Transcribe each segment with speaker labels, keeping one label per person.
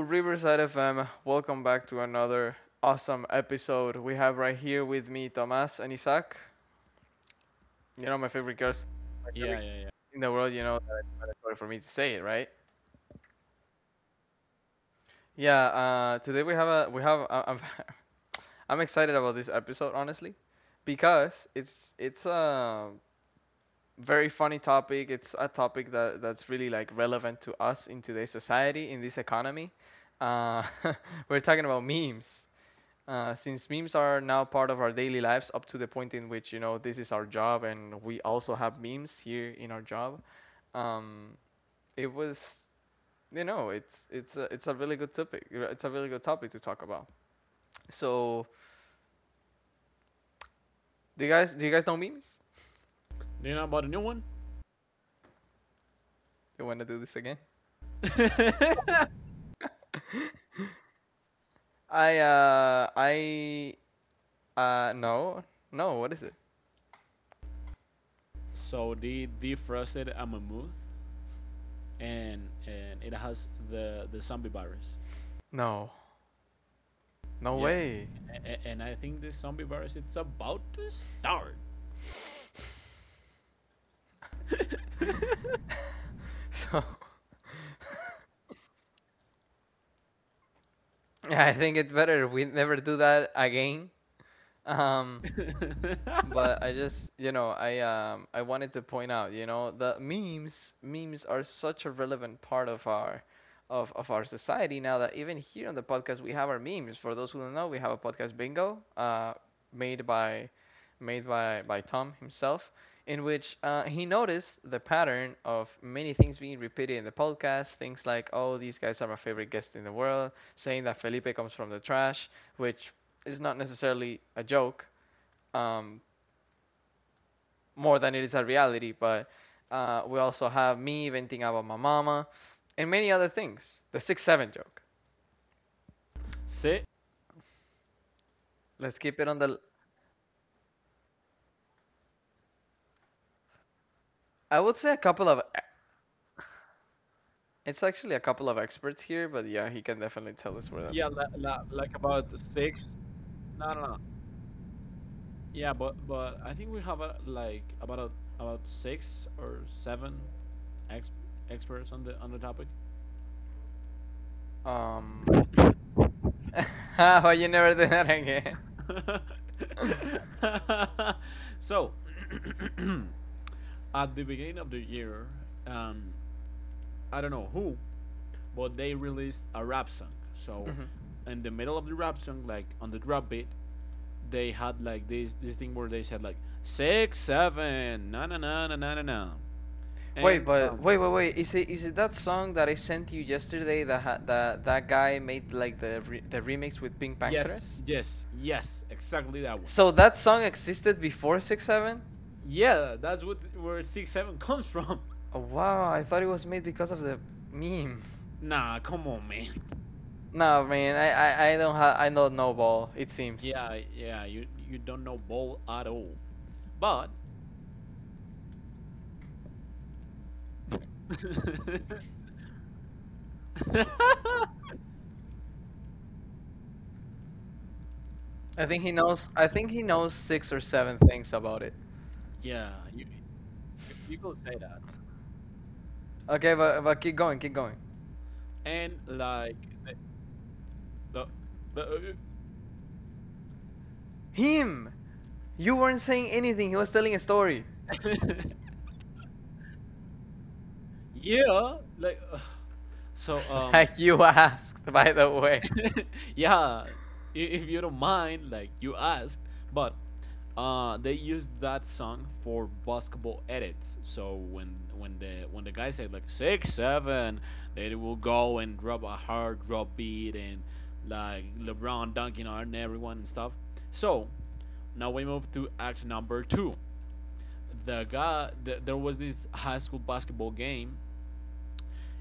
Speaker 1: Riverside FM. Welcome back to another awesome episode. We have right here with me Tomas and Isaac. My favorite girls, my
Speaker 2: Yeah,
Speaker 1: favorite
Speaker 2: yeah, yeah.
Speaker 1: in the world. You know that it's mandatory for me to say it, right? Yeah. Today we have a we have I- I'm I'm excited about this episode, honestly, because it's a very funny topic. It's a topic that's really, like, relevant to us in today's society, in this economy. Uh, we're talking about memes. Since memes are now part of our daily lives, up to the point in which, this is our job, and we also have memes here in our job, um, it was you know it's a really good topic. It's a really good topic to talk about. So do you guys know memes?
Speaker 2: Do you know about the new one?
Speaker 1: Do you want to do this again? I No, no, what is it?
Speaker 2: So they defrosted a mammoth, and it has the zombie virus.
Speaker 1: No, no
Speaker 2: Yes,
Speaker 1: way.
Speaker 2: and I think this zombie virus it's about to start.
Speaker 1: So yeah, I think it's better we never do that again. Um, but I wanted to point out, the memes are such a relevant part of our of our society now that even here on the podcast we have our memes. For those who don't know, we have a podcast bingo made by made by Tom himself, in which he noticed the pattern of many things being repeated in the podcast, things like, oh, these guys are my favorite guest in the world, saying that Felipe comes from the trash, which is not necessarily a joke, um, more than it is a reality. But we also have me venting about my mama and many other things. The 67 joke.
Speaker 2: See?
Speaker 1: Let's keep it on the. I would say a couple of. It's actually a couple of experts here, but yeah, he can definitely tell us where that's
Speaker 2: Yeah,
Speaker 1: from.
Speaker 2: like about six. No, no, no. Yeah, but I think we have like about about six or seven ex- experts on the topic.
Speaker 1: Um, why you never did that again?
Speaker 2: So, at the beginning of the year, um, I don't know who, but they released a rap song. So,
Speaker 1: hmm
Speaker 2: in the middle of the rap song, like on the drop beat, they had like this thing where they said like six seven na na na na na na
Speaker 1: Wait,
Speaker 2: and
Speaker 1: but wait, wait, wait. Is it that song that I sent you yesterday that ha- that that guy made, like, the remix with Pink
Speaker 2: yes,
Speaker 1: Panthers?
Speaker 2: yes, yes, exactly that one.
Speaker 1: So that song existed before 67.
Speaker 2: Yeah, that's what where six seven comes from.
Speaker 1: Oh, wow, I thought it was made because of the meme.
Speaker 2: Nah, come on, man.
Speaker 1: No, man, I don't have, I know no ball. It seems.
Speaker 2: Yeah, yeah, you don't know ball at all. But
Speaker 1: I think he knows. I think he knows six or seven things about it.
Speaker 2: yeah, you could say that.
Speaker 1: Okay, but keep going, keep going.
Speaker 2: And like the, the
Speaker 1: Him. You weren't saying anything. He was telling a story.
Speaker 2: yeah, like so um
Speaker 1: Like you asked, by the way.
Speaker 2: yeah, if you don't mind, like you asked, but they used that song for basketball edits. So when the guy said like six seven, they will go and drop a hard drop beat and like LeBron dunking on everyone and stuff. So now we move to act number two. The guy, there was this high school basketball game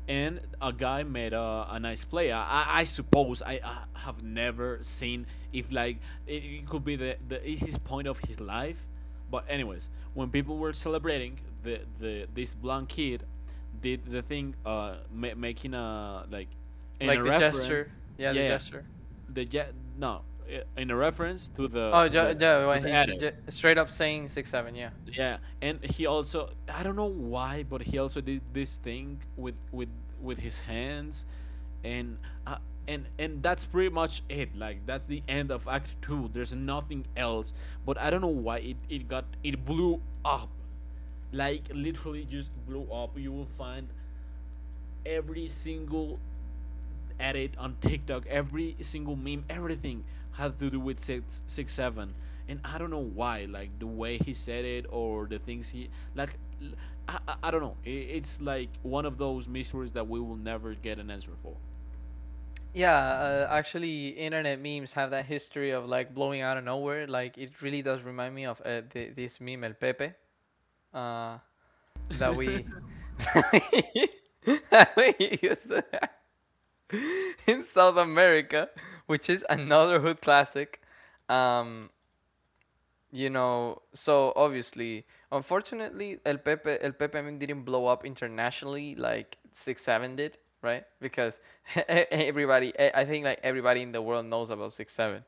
Speaker 2: and a guy made a nice play. I suppose I have never seen if like it could be the easiest point of his life. But anyways, when people were celebrating, the this blonde kid did the thing, making a like in
Speaker 1: Like
Speaker 2: a
Speaker 1: the
Speaker 2: reference,
Speaker 1: gesture. Yeah, the
Speaker 2: yeah, yeah,
Speaker 1: gesture.
Speaker 2: the jet no, I- in a reference to the
Speaker 1: Oh,
Speaker 2: to the
Speaker 1: yeah,
Speaker 2: to
Speaker 1: when
Speaker 2: the
Speaker 1: he's
Speaker 2: edit,
Speaker 1: straight up saying 67. Yeah.
Speaker 2: yeah. And he also, I don't know why, but he also did this thing with his hands, and uh, and that's pretty much it, like that's the end of act 2. There's nothing else, but I don't know why it blew up, like literally just blew up. You will find every single at it on TikTok. Every single meme, everything had to do with six six seven, and I don't know why. Like the way he said it or the things he like, I don't know. I It's like one of those mysteries that we will never get an answer for.
Speaker 1: Yeah, actually, internet memes have that history of, like, blowing out of nowhere. Like it really does remind me of this meme, El Pepe, uh, that we that we used to have in South America, which is another hood classic. Um, so obviously, unfortunately, El Pepe, I mean, didn't blow up internationally like 67 did, right? Because everybody, I think, like, everybody in the world knows about 67.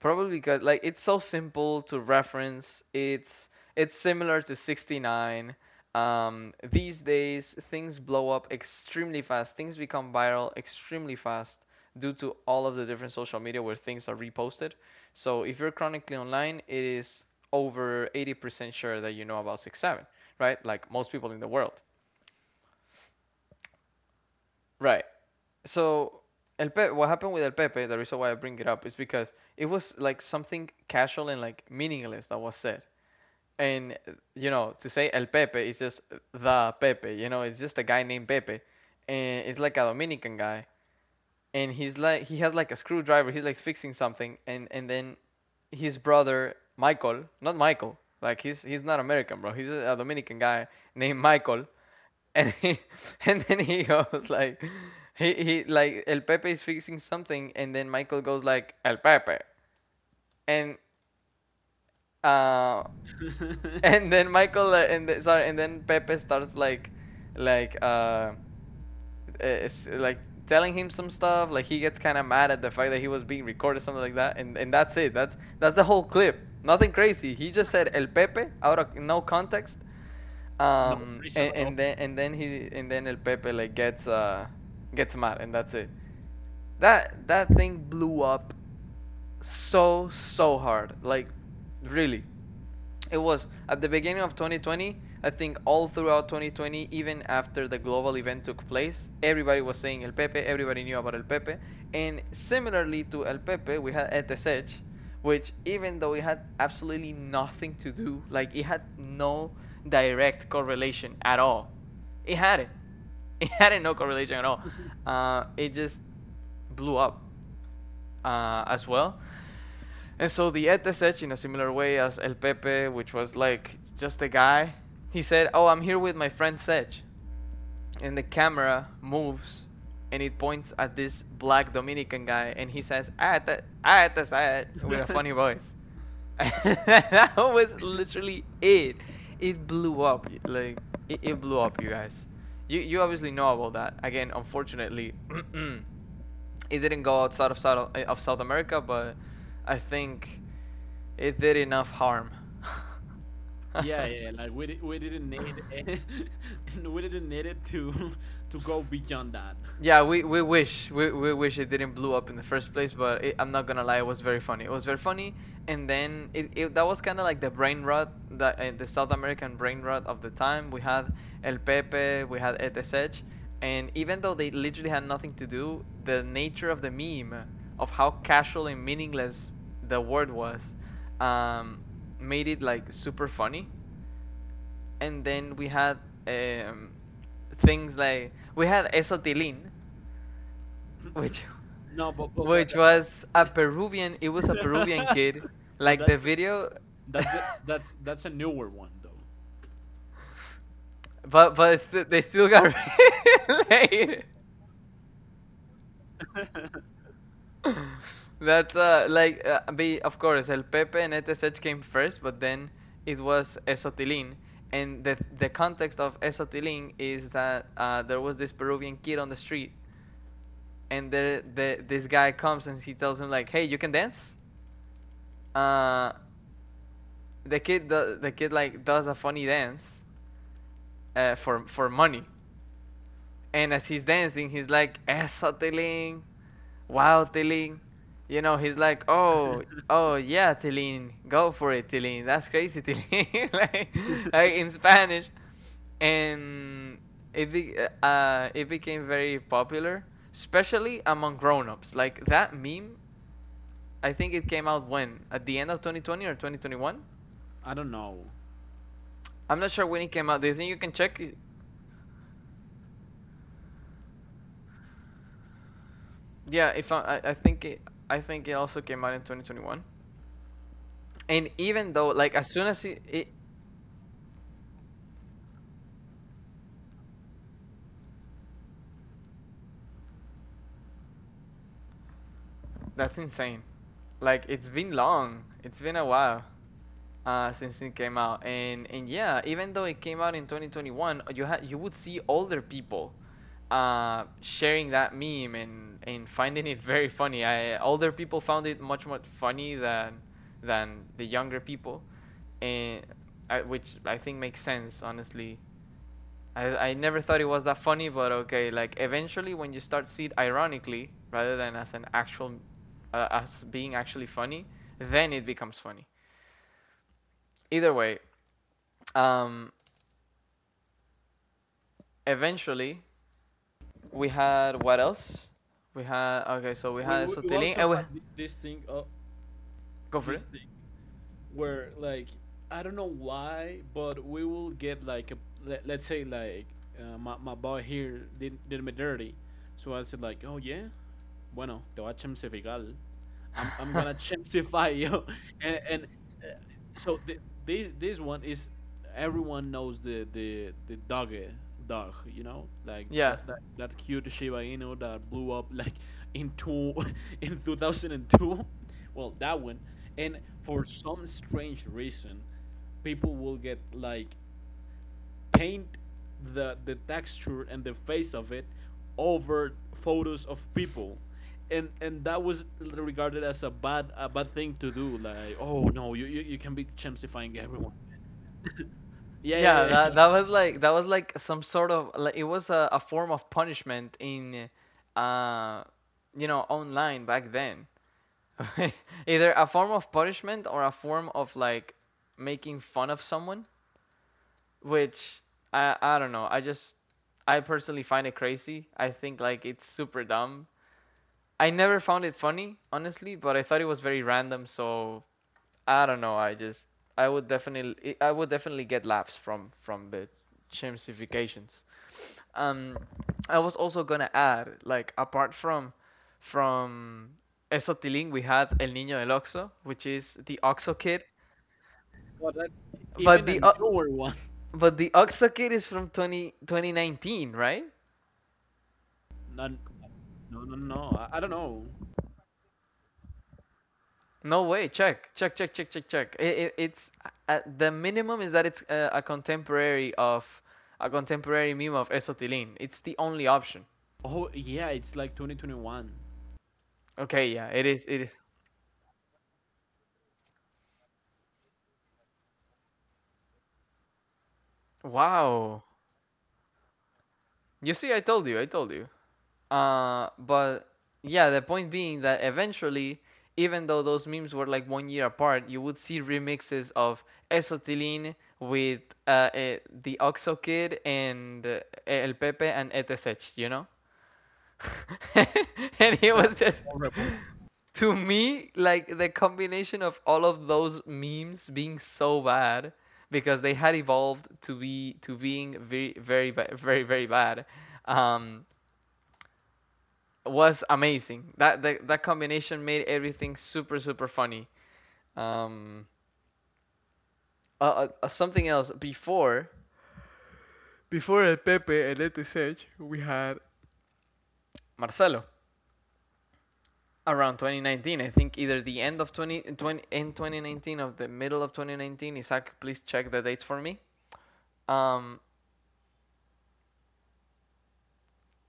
Speaker 1: Probably because, like, it's so simple to reference. It's similar to 69. These days things blow up extremely fast. Things become viral extremely fast due to all of the different social media where things are reposted. So if you're chronically online, it is over 80% sure that you know about 67, right? Like most people in the world. Right. So El Pepe, what happened with El Pepe, the reason why I bring it up is because it was, like, something casual and, like, meaningless that was said. And to say el Pepe, it's just the Pepe. It's just a guy named Pepe, and it's like a Dominican guy, and he's like, he has, like, a screwdriver. He's like fixing something, and then his brother Michael — not Michael, like he's not American, bro. He's a Dominican guy named Michael, and he, and then he goes like. He like, El Pepe is fixing something, and then Michael goes like, El Pepe, and uh, and then Michael, and the, sorry, and then Pepe starts, like, like uh, like telling him some stuff. Like he gets kind of mad at the fact that he was being recorded, something like that. And that's it. That's the whole clip. Nothing crazy. He just said El Pepe out of no context.
Speaker 2: No reason
Speaker 1: And,
Speaker 2: at all.
Speaker 1: and then and then he and then El Pepe, like, gets mad, and that's it. That thing blew up so hard. Like, really, it was at the beginning of 2020. I think all throughout 2020, even after the global event took place, everybody was saying El Pepe. Everybody knew about El Pepe. And similarly to El Pepe, we had ETSH, which, even though it had absolutely nothing to do, like it had no direct correlation at all. It had it. It had no correlation at all. It just blew up, as well. And so the Etesech, in a similar way as El Pepe, which was like just a guy, he said, oh, I'm here with my friend Sech. And the camera moves and it points at this black Dominican guy and he says, Ate, Etesech, with a funny voice. That was literally it. It blew up. Like, it blew up, you guys. You obviously know about that. Again, unfortunately, it didn't go outside of South America, but I think it did enough harm.
Speaker 2: yeah, yeah. Like we didn't need it. We didn't need it to to go beyond that.
Speaker 1: Yeah, we wish it didn't blow up in the first place, but I'm not gonna lie, it was very funny. It was very funny, and then it that was kind of like the brain rot, the South American brain rot of the time. We had El Pepe, we had ETSH, and even though they literally had nothing to do, the nature of the meme, of how casual and meaningless the word was, um, made it, like, super funny. And then we had, um, things like, we had Esotilin, which
Speaker 2: No, but
Speaker 1: which was a Peruvian. It was a Peruvian
Speaker 2: but,
Speaker 1: kid.
Speaker 2: but
Speaker 1: Like the video,
Speaker 2: that's the, that's a newer one though.
Speaker 1: but they still got later. That's like be of course, El Pepe and ETSH came first, but then it was Esotilin. And the context of Esotilin is that, there was this Peruvian kid on the street, and the this guy comes and he tells him, like, "Hey, you can dance." Uh, the kid, like, does a funny dance, for money. And as he's dancing, he's like, Esotilin, wow, Tilin. He's like, oh, oh, yeah, Tilin, go for it, Tilin. That's crazy, Tilin. Like in Spanish. And it, be, it became very popular, especially among grown ups. Like that meme, I think it came out when? At the end of 2020 or 2021?
Speaker 2: I don't know.
Speaker 1: I'm not sure when it came out. Do you think you can check? Yeah, if I- I think it also came out in 2021. And, even though, like, as soon as it, it that's insane, like it's been long, it's been a while since it came out. And yeah, even though it came out in 2021, you had you would see older people sharing that meme, and finding it very funny. I Older people found it much more funny than the younger people, and which I think makes sense, honestly. I never thought it was that funny, but okay. Like, eventually, when you start see it ironically rather than as being actually funny, then it becomes funny. Either way, um, eventually we had — what else? We had — okay, so we
Speaker 2: We,
Speaker 1: had
Speaker 2: we we
Speaker 1: Sotiling.
Speaker 2: also
Speaker 1: And we
Speaker 2: had this thing, uh,
Speaker 1: go for
Speaker 2: this
Speaker 1: it.
Speaker 2: thing where, like, I don't know why, but we will get like let's say, like, my boy here did me dirty. So I said like, oh yeah, bueno te voy a chemsificar, I'm gonna chemsify you. And uh, so the, this one is, everyone knows the dog, dog, you know, like
Speaker 1: Yeah,
Speaker 2: that cute Shiba Inu that blew up like in two in 2002. Well, that one. And for some strange reason, people will get like paint the texture and the face of it over photos of people. And that was regarded as a bad thing to do. Like, oh no, you can be chemsifying everyone. Yeah, yeah,
Speaker 1: yeah.
Speaker 2: yeah,
Speaker 1: That
Speaker 2: yeah.
Speaker 1: that was like that was like some sort of, like, a form of punishment uh, online back then. Either a form of punishment or a form of, like, making fun of someone, which I don't know. I personally find it crazy. I think, like, it's super dumb. I never found it funny, honestly, but I thought it was very random, so I don't know. I would definitely get laughs from the chimsifications. Um, I was also gonna add, like, apart from Esotiling, we had El Niño del Oxo, which is the Oxo Kid.
Speaker 2: Well, that's
Speaker 1: But
Speaker 2: even a
Speaker 1: the O
Speaker 2: newer one.
Speaker 1: but the Oxo Kid is from 20 2019, right?
Speaker 2: No, no, no, no. I don't know.
Speaker 1: No way. Check, check, check, check, check, check. It, it's the minimum is that it's, a contemporary meme of Esotiling. It's the only option.
Speaker 2: Oh yeah, it's like 2021.
Speaker 1: Okay, yeah, it is. It is. Wow. You see, I told you. I told you. But yeah, the point being that eventually, even though those memes were like 1 year apart, you would see remixes of Esotilin with the Oxo Kid and El Pepe and ETSH, you know? And it was
Speaker 2: That's
Speaker 1: just,
Speaker 2: horrible.
Speaker 1: to me, like the combination of all of those memes being so bad because they had evolved to being very very bad, um was amazing. That combination made everything super super funny. Um, something else before Before El Pepe and ETSH, we had Marcelo around 2019. I think either the end of twenty twenty end 20 in 2019 or the middle of 2019. Isaac, please check the dates for me. Um,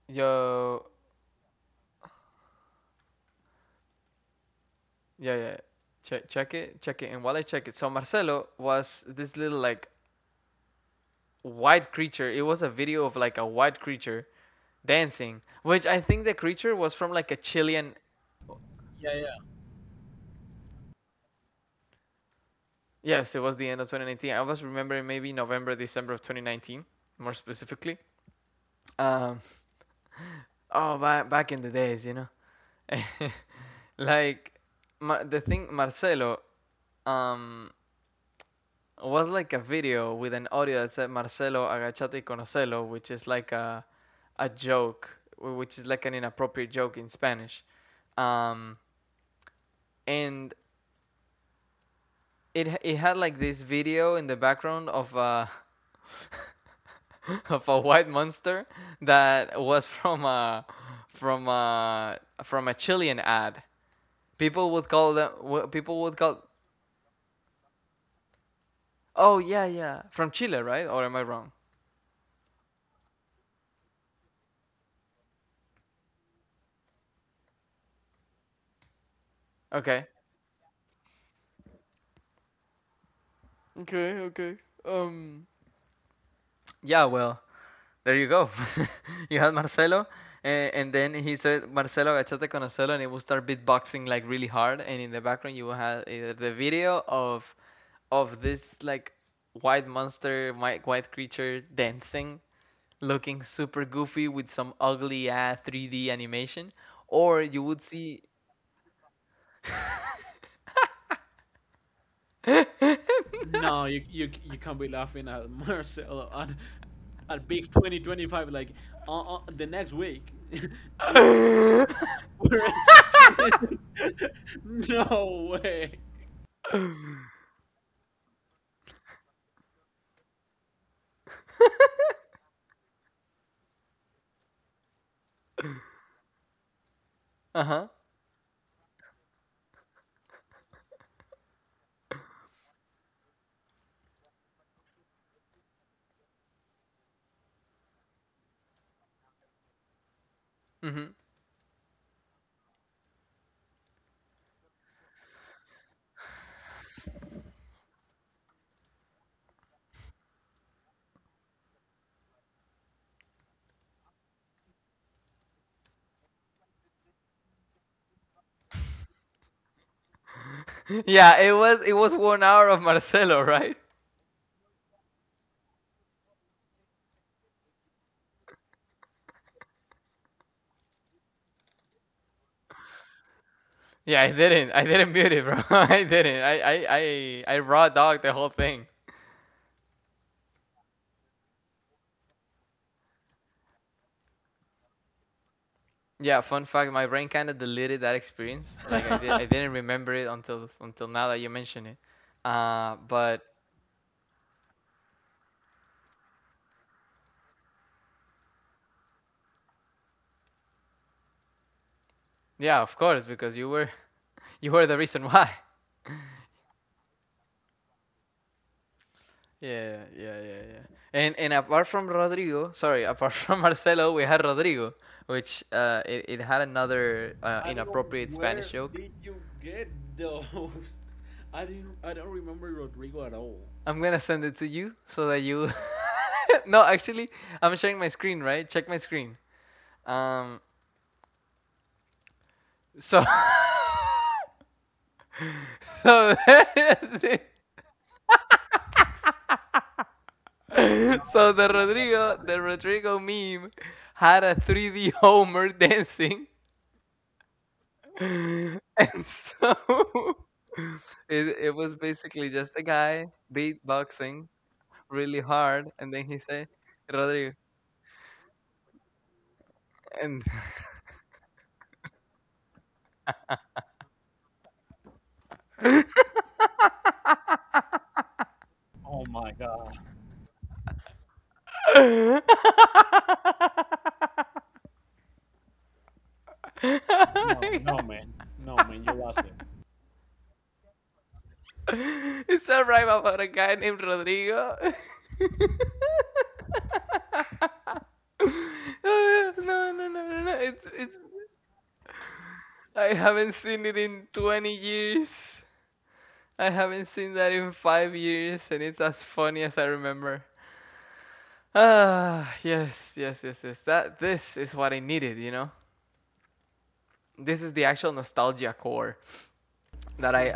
Speaker 1: yo, yeah, yeah. Check it, check it. And while I check it, so Marcelo was this little, like, white creature. It was a video of like a white creature dancing, which I think the creature was from like a Chilean.
Speaker 2: Yeah.
Speaker 1: Yes, it was the end of 2019. I was remembering maybe November, December of 2019, more specifically. Um, oh, back in the days, you know, like Mar- the thing Marcelo, um, was like a video with an audio that said Marcelo agachate y conocelo, which is like a joke, which is like an inappropriate joke in Spanish. Um, and it had like this video in the background of a of a white monster that was from from a a Chilean ad. People would call them People would call, oh, yeah, yeah, from Chile, right? Or am I wrong? Okay Okay, okay. Um, yeah, well, there you go. You had Marcelo. And then he said, Marcelo, échate con Marcelo, and he would start beatboxing like really hard. And in the background, you had either the video of this like white monster, white creature dancing, looking super goofy with some ugly ass 3D animation, or you would see.
Speaker 2: No, you can't be laughing at Marcelo at big 2025, like, the next week. we, we're at 20 no way.
Speaker 1: Uh huh. hmm Yeah, it was 1 hour of Marcelo, right? Yeah, I didn't. I didn't mute it, bro. I didn't. I raw dog the whole thing. Yeah, fun fact, my brain kind of deleted that experience. I didn't remember it until now that you mention it. But yeah, of course, because you were the reason why. Yeah, yeah, yeah, yeah. And apart from Rodrigo, sorry, apart from Marcelo, we had Rodrigo, which it had another
Speaker 2: I don't know
Speaker 1: inappropriate Spanish
Speaker 2: where
Speaker 1: joke.
Speaker 2: did you get those. I didn't. I don't remember Rodrigo at all.
Speaker 1: I'm gonna send it to you so that you. No, actually, I'm sharing my screen, right? Check my screen. Um, so. So
Speaker 2: It's not. It's
Speaker 1: the
Speaker 2: not that
Speaker 1: Rodrigo
Speaker 2: funny.
Speaker 1: the Rodrigo meme had a 3D Homer dancing. And so, it was basically just a guy beatboxing really hard, and then he said, Rodrigo, and
Speaker 2: Oh my god. No, no, man. No, man. You lost it.
Speaker 1: it's a rhyme about a guy named Rodrigo. Oh, no, no, no, no, no. It's, it's. I haven't seen it in 20 years. I haven't seen that in 5 years, and it's as funny as I remember. Ah, yes, yes, yes, yes. That This is what I needed, you know. This is the actual nostalgia core that I.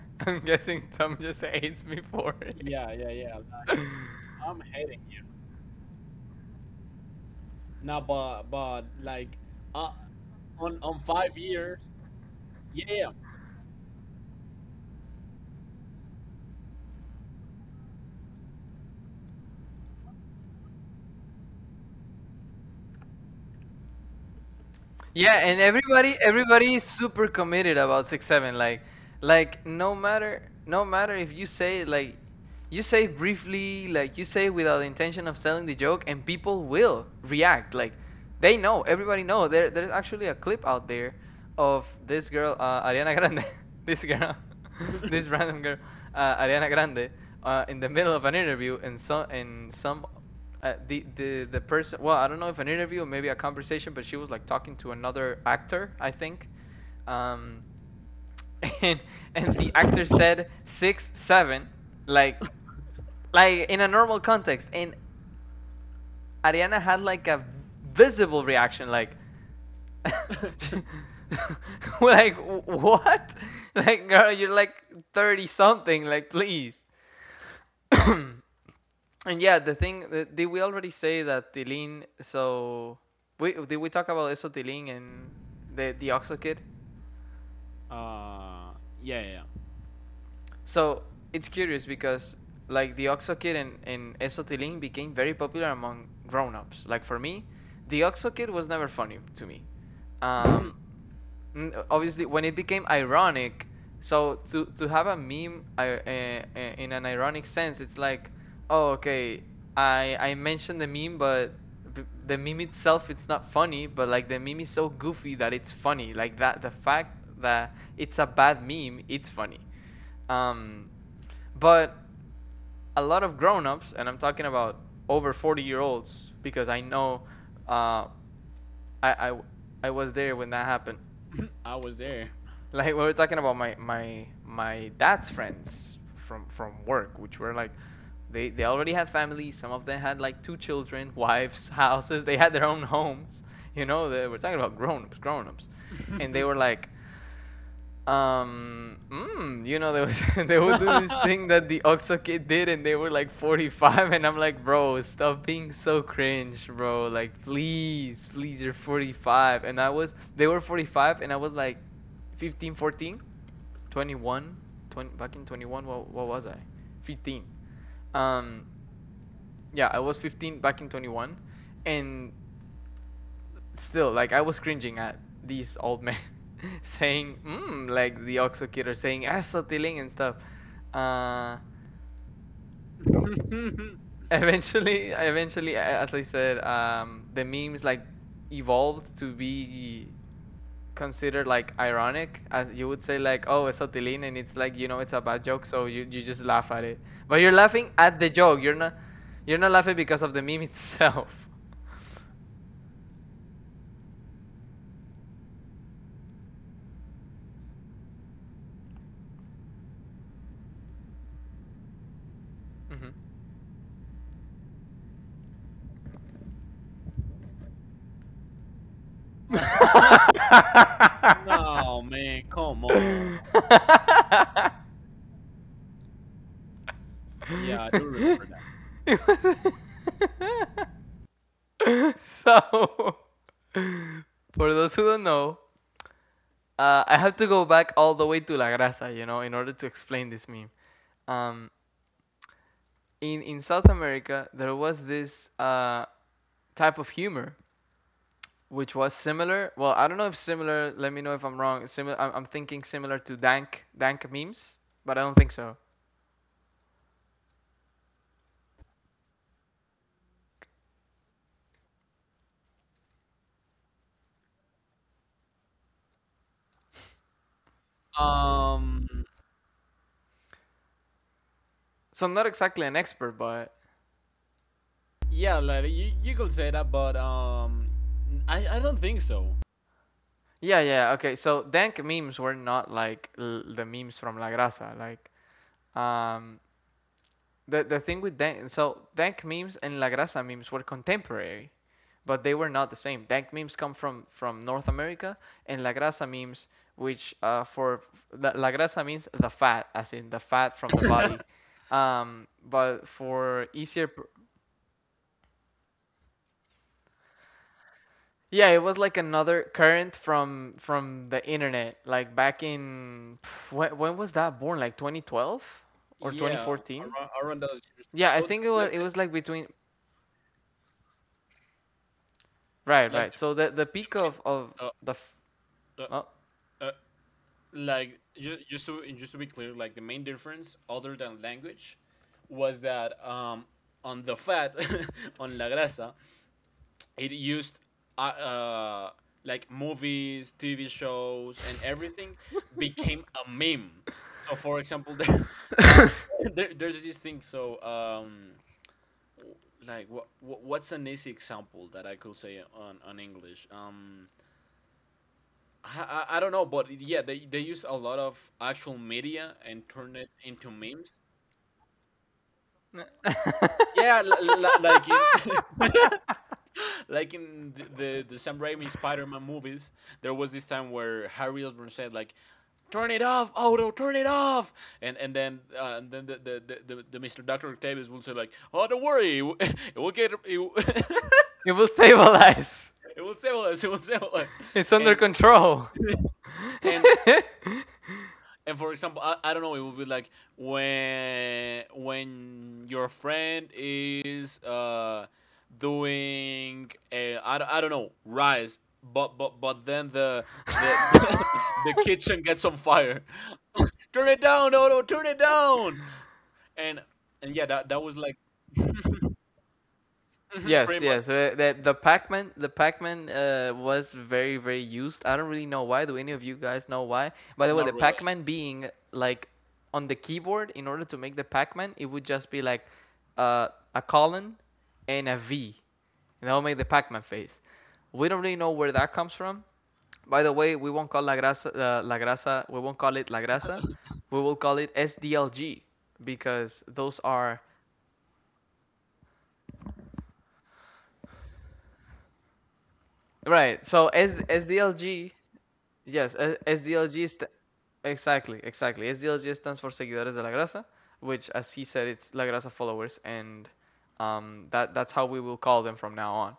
Speaker 1: I'm guessing Tom just hates me for it.
Speaker 2: Yeah, yeah, yeah. I'm hating you. No, but like, uh, on 5 years. Yeah.
Speaker 1: Yeah, and everybody is super committed about 6 7. Like, no matter if you say, like, you say briefly, like you say without the intention of telling the joke, and people will react. Like they know, everybody know. There's actually a clip out there of this girl, Ariana Grande. this girl This random girl, Ariana Grande, in the middle of an interview, and so and some, the person. Well, I don't know if an interview or maybe a conversation, but she was like talking to another actor, I think. Um, and and the actor said 6 7, like like in a normal context, and Ariana had like a visible reaction, like. Like what, like, girl, you're like 30 something, like, please. And yeah, the thing, did we already say that Tilin? So we talk about eso Tilin and the Oxo Kid?
Speaker 2: Uh, yeah, yeah.
Speaker 1: So it's curious because like the Oxo Kid and eso Tilin became very popular among grown ups. Like for me, the Oxo Kid was never funny to me. Um, Obviously when it became ironic, so to have a meme in an ironic sense, it's like, oh, okay, I mentioned the meme, but the meme itself, it's not funny, but like the meme is so goofy that it's funny, like that the fact that it's a bad meme, it's funny. um but a lot of grown-ups, and I'm talking about over 40-year olds, because I know, uh i i, I was there when that happened.
Speaker 2: I was there.
Speaker 1: Like, we were talking about my dad's friends from work, which were like, they already had families, some of them had like two children, wives, houses, they had their own homes, you know, they were talking about grown-ups grown-ups, and they were like, you know, they was, they would do this thing that the Oxo Kid did, and they were like 45, and I'm like, bro, stop being so cringe, bro, like please please, you're 45, and I was they were 45 and I was like 15, 14. 21, 20 back in 21, what was I? 15. Um, yeah, I was 15 back in 21. And still, like, I was cringing at these old men saying, mm, like the Oxo Kid, are saying, Asatiling and stuff. Uh, eventually, as I said, the memes, like, evolved to be considered like ironic, as you would say, like, oh, it's Sotilin, and it's like, you know, it's a bad joke, so you just laugh at it, but you're laughing at the joke, you're not laughing because of the meme itself. Mhm.
Speaker 2: No, man, come on. Yeah, I do remember that.
Speaker 1: So, for those who don't know, I have to go back all the way to La Grasa, you know, in order to explain this meme. um, in South America, there was this type of humor which was similar. Well, I don't know if similar. Let me know if I'm wrong. Similar. I'm thinking similar to Dank memes, but I don't think so.
Speaker 2: Um,
Speaker 1: So I'm not exactly an expert, but
Speaker 2: yeah, like you could say that, but I don't think so.
Speaker 1: yeah, yeah. Okay, so Dank memes were not like the memes from La Grasa. Like, um, the thing with Dank, so Dank memes and La Grasa memes were contemporary, but they were not the same. Dank memes come from North America, and La Grasa memes, which for La Grasa means the fat, as in the fat from the body. But for easier, yeah, it was like another current from the internet, like back in pff, when was that born? Like 2012 or
Speaker 2: Yeah,
Speaker 1: 2014?
Speaker 2: around those years.
Speaker 1: Yeah, I
Speaker 2: So
Speaker 1: think it
Speaker 2: like
Speaker 1: was it was like between. Right,
Speaker 2: like
Speaker 1: right. So
Speaker 2: the
Speaker 1: the peak of
Speaker 2: main uh,
Speaker 1: the
Speaker 2: the,
Speaker 1: oh,
Speaker 2: uh like just to be clear, like the main difference other than language was that on the fat on la grasa, it used uh, uh like movies, TV shows, and everything became a meme. So for example, uh there's this thing. So w- like what's an easy example that I could say on English. I, I don't know, but yeah, they used a lot of actual media and turned it into memes. Yeah, like in like in the Sam Raimi Spider-Man movies, there was this time where Harry Osborn said like, "Turn it off, Otto, turn it off," and then the Mr. Doctor Octavius will say like, "Oh, don't worry, it will it will,
Speaker 1: it will stabilize.
Speaker 2: it will save us, it will save us,"
Speaker 1: It's under
Speaker 2: and
Speaker 1: control.
Speaker 2: and and for example, I don't know, it would be like when your friend is doing a do not don't- I don't know, rice, but but then the the kitchen gets on fire. Turn it down, Odo. Turn it down. And and yeah, that was like mhm, pretty
Speaker 1: Yes,
Speaker 2: much
Speaker 1: yes. That The Pac-Man, was very, very used. I don't really know why. Do any of you guys know why? By the way,
Speaker 2: not
Speaker 1: the
Speaker 2: really.
Speaker 1: Pac-Man being like on the keyboard, in order to make the Pac-Man, it would just be like, uh, a colon and a V, and that will make the Pac-Man face. We don't really know where that comes from. By the way, we won't call La Grasa, La Grasa. We won't call it La Grasa. We will call it SDLG because those are. Right. So as SDLG, yes, exactly, exactly. SDLG stands for Seguidores de la Grasa, which, as he said, it's La Grasa followers, and that's how we will call them from now on.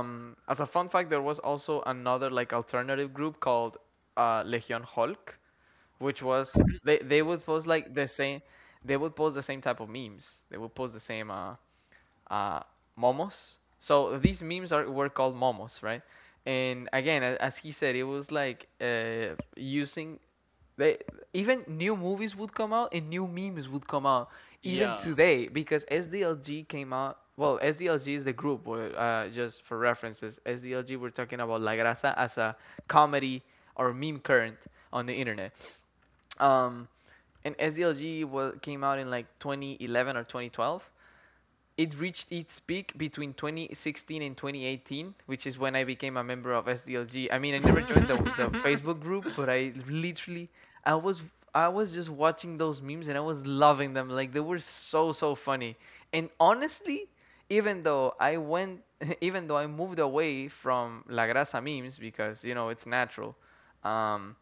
Speaker 1: As a fun fact, there was also another like alternative group called, Legion Hulk, which was they would post like they would post the same type of memes. They would post the same uh, momos. So these memes are were called momos, right? And again, as he said, it was like, using, they even new movies would come out and new memes would come out even
Speaker 2: Yeah.
Speaker 1: today because SDLG came out. Well, SDLG is the group where, just for references, SDLG, we're talking about La Grasa as a comedy or meme current on the internet. Um, and SDLG was came out in like 2011 or 2012. It reached its peak between 2016 and 2018, which is when I became a member of SDLG. I mean, I never joined the the Facebook group, but I was I was just watching those memes, and I was loving them. Like, they were so funny. And honestly, even though I went even though I moved away from La Grasa memes because, it's natural. Um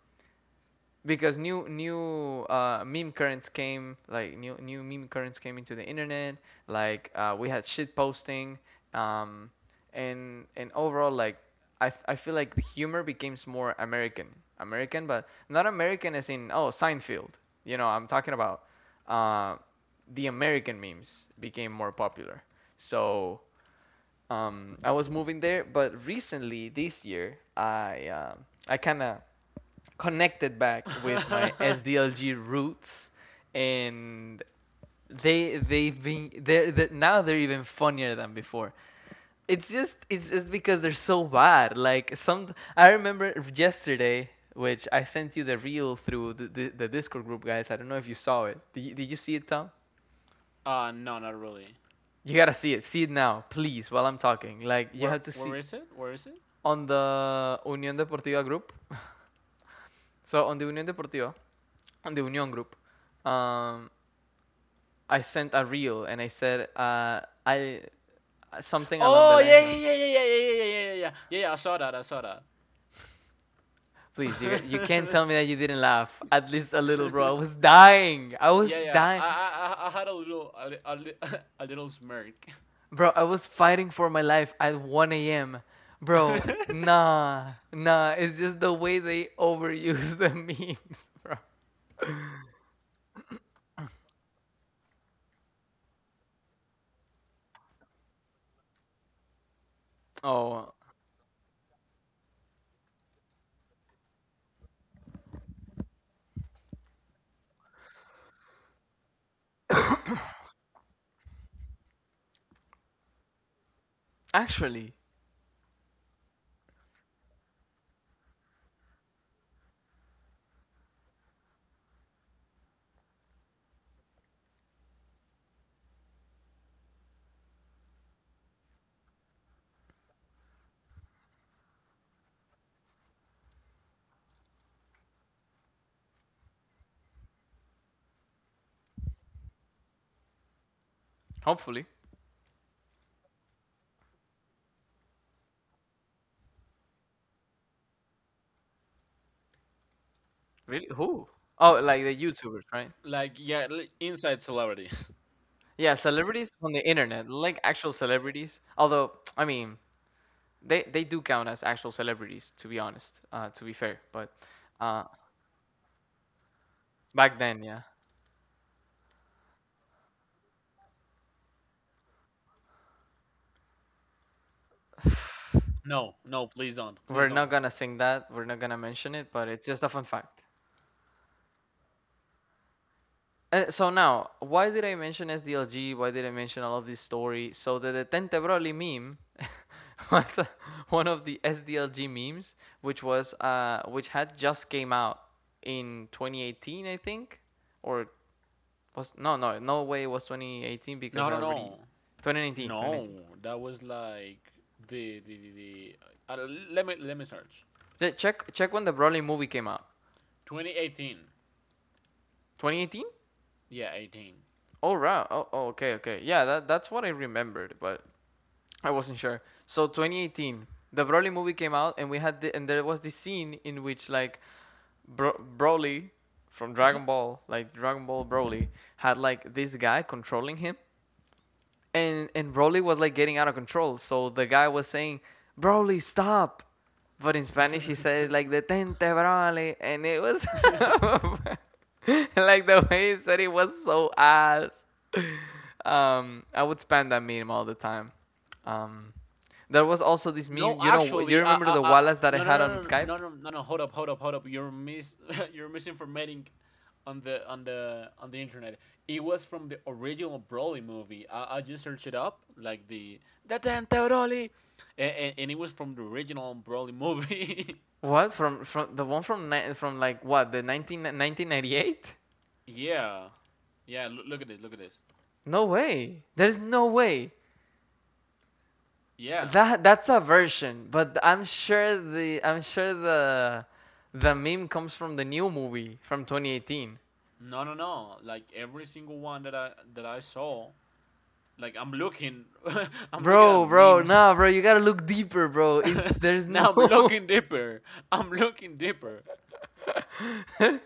Speaker 1: because new meme currents came, like, new meme currents came into the internet. Like, we had shit posting um, and overall, like, I feel like the humor becomes more American, but not American as in, oh, Seinfeld, you know. I'm talking about, uh, the American memes became more popular. So I was moving there, but recently this year, I kind of connected back with my SDLG roots, and they they've been they're now they're even funnier than before. It's just because they're so bad. Like, some I remember yesterday, which I sent you the reel through the Discord group, guys. I don't know if you saw it. Did you see it, Tom?
Speaker 2: No, not really.
Speaker 1: You gotta see it. See it now, please, while I'm talking. Like, you have to
Speaker 2: Where
Speaker 1: see
Speaker 2: is it? Where is it?
Speaker 1: on the Unión Deportiva group. So, on the Unión group, um, I sent a reel, and I said, I something along the
Speaker 2: Oh, yeah,
Speaker 1: lines of,
Speaker 2: yeah, yeah, yeah, yeah, yeah, yeah, yeah, yeah, yeah, yeah, yeah, I saw that
Speaker 1: "Please, you can't tell me that you didn't laugh at least a little, bro." I was dying. I was
Speaker 2: yeah, yeah.
Speaker 1: dying,
Speaker 2: I had a little a little smirk
Speaker 1: bro. I was fighting for my life at 1 a.m. Bro, nah, nah. It's just the way they overuse the memes, bro. Oh, actually, hopefully. Really? Who? Oh, like the YouTubers, right?
Speaker 2: like, yeah, inside celebrities.
Speaker 1: Yeah, celebrities on the internet, like actual celebrities. Although, I mean, they do count as actual celebrities, to be honest. To be fair, but uh, back then, yeah,
Speaker 2: No, no, please don't, please
Speaker 1: we're
Speaker 2: don't.
Speaker 1: not gonna sing that. We're not gonna mention it, but it's just a fun fact. So now, why did I mention SDLG? Why did I mention all of this story? So, the Detente Broly meme was, one of the SDLG memes, which was which had just came out in 2018, I think. Or was no, no, no way it was 2018, because
Speaker 2: No,
Speaker 1: I
Speaker 2: no,
Speaker 1: already
Speaker 2: no,
Speaker 1: 2019,
Speaker 2: no.
Speaker 1: 2019.
Speaker 2: That was like the uh, let me search
Speaker 1: Check when the Broly movie came out.
Speaker 2: 2018.
Speaker 1: 2018?
Speaker 2: Yeah, 18.
Speaker 1: Oh, right. Oh okay, okay. Yeah, that's what I remembered, but I wasn't sure. So, 2018, the Broly movie came out, and and there was this scene in which, like, Broly from Dragon Ball, like, Dragon Ball Broly, had, like, this guy controlling him, and Broly was, like, getting out of control. So, the guy was saying, "Broly, stop!" But in Spanish, he said, like, "Detente, Broly," and it was like, the way he said it was so ass. I would spam that meme all the time. Um, there was also this
Speaker 2: No,
Speaker 1: meme. You know, you
Speaker 2: actually,
Speaker 1: remember the Wallace that I
Speaker 2: no, no,
Speaker 1: had
Speaker 2: no,
Speaker 1: on Skype?
Speaker 2: no, no, no, no, no. Hold up, hold up, hold up. You're misinformating on the internet. It was from the original Broly movie. I just searched it up, like the Dante Broly, and it was from the original Broly movie.
Speaker 1: What? From the one from, like, what, the nineteen, 1998?
Speaker 2: yeah, yeah. Look, look at this. Look at this.
Speaker 1: No way. There's no way.
Speaker 2: Yeah.
Speaker 1: That's a version, but I'm sure the meme comes from the new movie from 2018.
Speaker 2: No, no, no. Like every single one that I saw, like I'm looking, I'm looking at
Speaker 1: Bro, bro,
Speaker 2: memes.
Speaker 1: nah, bro, you gotta look deeper, bro. It's There's
Speaker 2: Now I'm
Speaker 1: no.
Speaker 2: looking deeper. I'm looking deeper.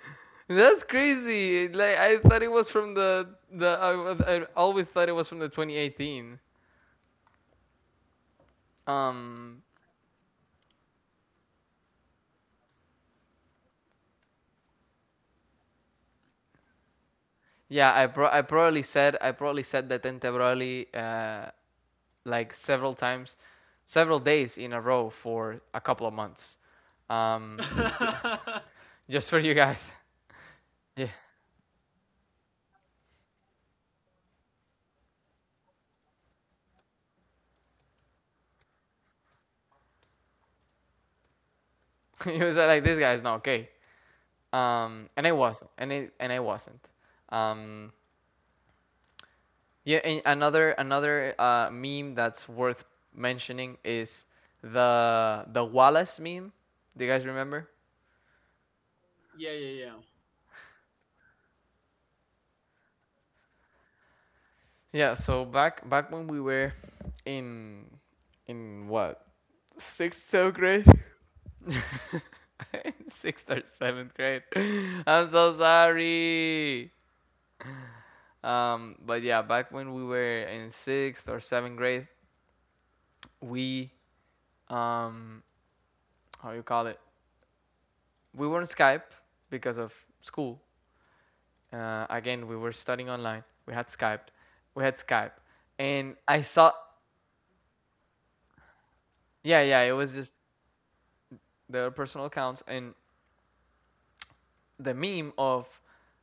Speaker 1: That's crazy. Like, I thought it was from the, I always thought it was from the 2018. Um, yeah, I probably said that Tente Broly, uh, like, several times, several days in a row for a couple of months. Um, ju- just for you guys. Yeah, it was like, "This guy's not okay," and I wasn't, and it, and I wasn't. Um, yeah, and another meme that's worth mentioning is the Wallace meme. Do you guys remember?
Speaker 2: Yeah, yeah,
Speaker 1: Yeah. So, back when we were in in what, sixth, seventh grade, in sixth or seventh grade. I'm so sorry. But yeah, back when we were in sixth or seventh grade, we, um, how you call it, we were on Skype because of school. Again, we were studying online. We had Skype. We had Skype, and I saw. Yeah, yeah. It was just their personal accounts, and the meme of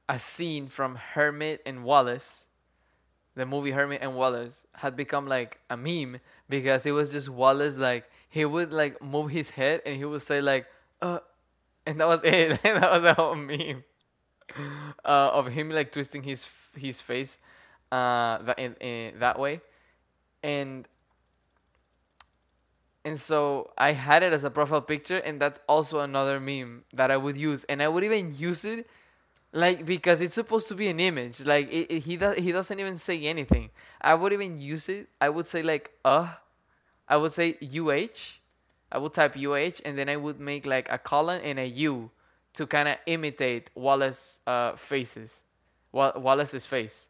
Speaker 1: a scene from Hermit and Wallace, the movie Herman and Wallace, had become like a meme because it was just Wallace, like, he would, like, move his head, and he would say, like, uh and that was it. That was the whole meme, of him, like, twisting his face, that, in that way. And And so, I had it as a profile picture, and that's also another meme that I would use. And I would even use it, like, because it's supposed to be an image. Like, it- he does, he doesn't even say anything. I would even use it. I would say UH. I would type UH, and then I would make like a colon and a U to kind of imitate Wallace's faces, Wallace's face.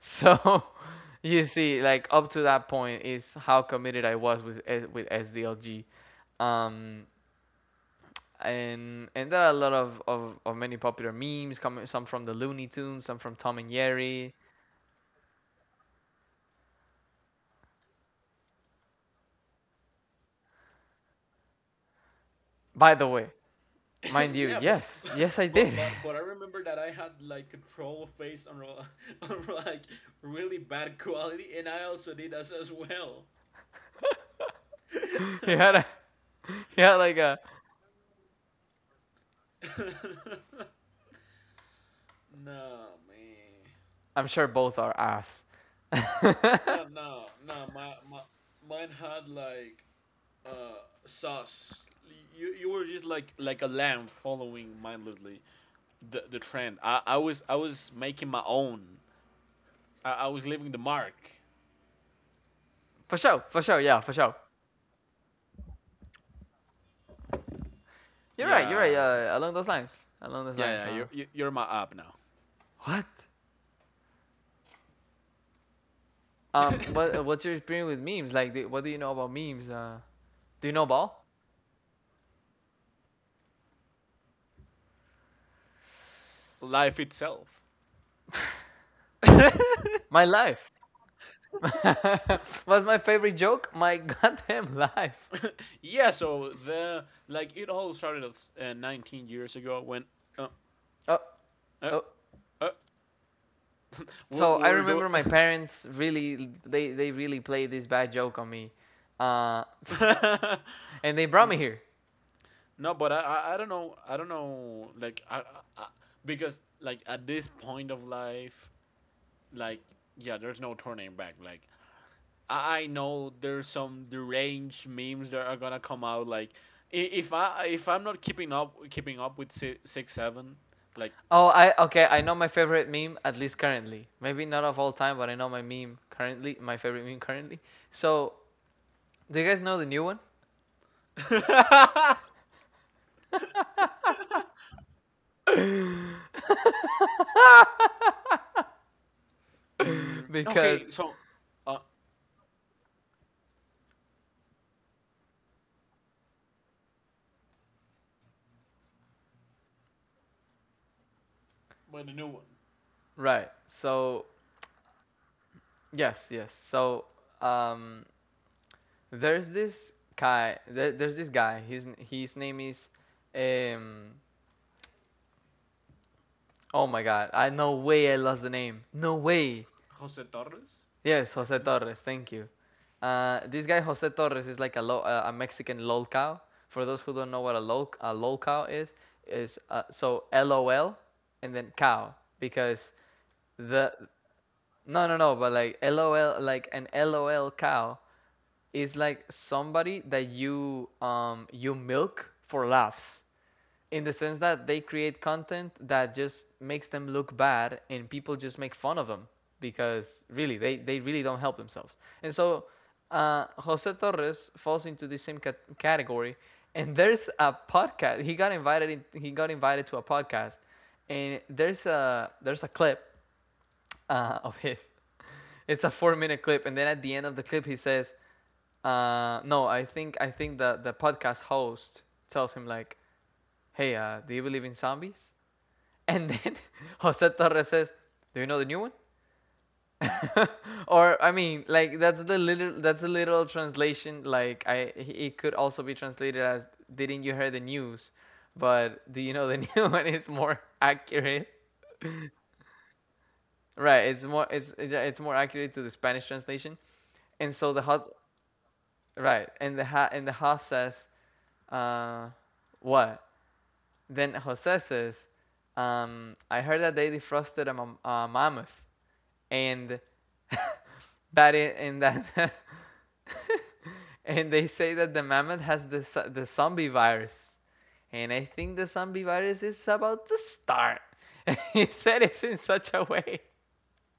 Speaker 1: So, you see, like, up to that point is how committed I was with with SDLG, um, and there are a lot of many popular memes coming, some from the Looney Tunes, some from Tom and Jerry. By the way,
Speaker 2: yeah.
Speaker 1: mind you,
Speaker 2: Yeah, but
Speaker 1: yes, yes, I
Speaker 2: but
Speaker 1: did.
Speaker 2: but but I remember that I had like a troll face on, on, like, really bad quality, and I also did as well.
Speaker 1: he had a he had like a,
Speaker 2: No, man.
Speaker 1: I'm sure both are ass. For
Speaker 2: No, no, no. My mine had like uh sauce. You were just like a lamb following mindlessly. the trend. I was making my own. I was leaving the mark.
Speaker 1: sure, for sure, yeah, for sure. You're right, you're right.
Speaker 2: Yeah,
Speaker 1: Along those lines, along those
Speaker 2: yeah,
Speaker 1: lines.
Speaker 2: yeah. You're
Speaker 1: Uh,
Speaker 2: you- you're my app now.
Speaker 1: what? What? What's your experience with memes? Like, what do you know about memes? Do you know ball?
Speaker 2: Life itself.
Speaker 1: My life. What's my favorite joke? My goddamn life.
Speaker 2: Yeah. So the like it all started 19 years ago when uh,
Speaker 1: Oh,
Speaker 2: uh,
Speaker 1: oh.
Speaker 2: uh,
Speaker 1: So, I
Speaker 2: we're doing.
Speaker 1: remember, my parents really, they really played this bad joke on me. Uh, and they brought me here.
Speaker 2: No, but I don't know like I- because, like, at this point of life, like, yeah, there's no turning back. Like I know there's some deranged memes that are gonna come out. Like, if I, if I'm not keeping up with six seven, like,
Speaker 1: Oh, I okay. I know my favorite meme, at least currently. Maybe not of all time, but I know my meme currently. My favorite meme currently. So, do you guys know the new one?
Speaker 2: mm, okay,
Speaker 1: Because
Speaker 2: so, uh, well, the new one,
Speaker 1: right. So, yes, yes. So, um, There's this guy. There's this guy. His name is um. Oh my God! I no way, I lost the name. No way.
Speaker 2: Jose Torres,
Speaker 1: Yes,
Speaker 2: I
Speaker 1: Jose
Speaker 2: think.
Speaker 1: Torres. Thank you. This guy Jose Torres is, like, a Mexican lol cow. For those who don't know what a lol cow is, so, LOL, and then cow, because the No, no, no, but, like, LOL, like, an LOL cow is, like, somebody that you milk for laughs. In the sense that they create content that just makes them look bad, and people just make fun of them because, really, they really don't help themselves. And so, Jose Torres falls into the same category, and there's a podcast. He got invited to a podcast, and there's a clip, of his. It's a 4-minute clip, and then at the end of the clip, he says, "No, I think the podcast host tells him, like, hey, do you believe in zombies?" And then, Jose Torres says, "Do you know the new one?" Or, I mean, like, that's the literal translation. Like, it could also be translated as, "Didn't you hear the news?" But "do you know the new one" is more accurate. Right, it's more it's yeah, it's more accurate to the Spanish translation. And so, the hot right. And the house says, uh, what? Then Jose says, I heard that they defrosted a mammoth, and and that and they say that the mammoth has the zombie virus, and I think the zombie virus is about to start. And he said it in such a way.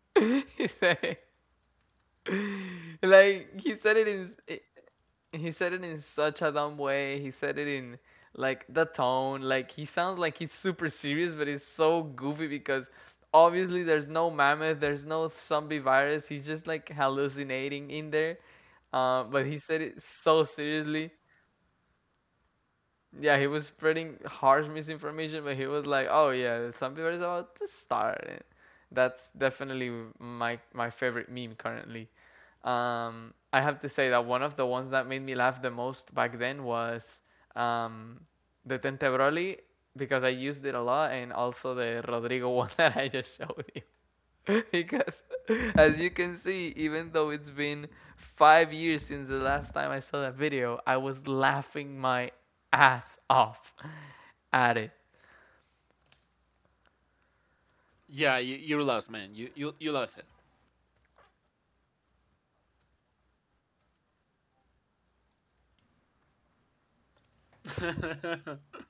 Speaker 1: he said it like he said it in he said it in such a dumb way. He said it in, like, the tone. Like, he sounds like he's super serious, but he's so goofy, because obviously there's no mammoth, there's no zombie virus. He's just, like, hallucinating in there. But he said it so seriously. Yeah, he was spreading harsh misinformation, but he was like, "Oh yeah, something is about to start." And that's definitely my favorite meme currently. I have to say that one of the ones that made me laugh the most back then was, um, the Tentebroli, because I used it a lot, and also the Rodrigo one that I just showed you. Because as you can see, even though it's been 5 years since the last time I saw that video, I was laughing my ass off at it.
Speaker 2: Yeah, you lost, man. You lost it.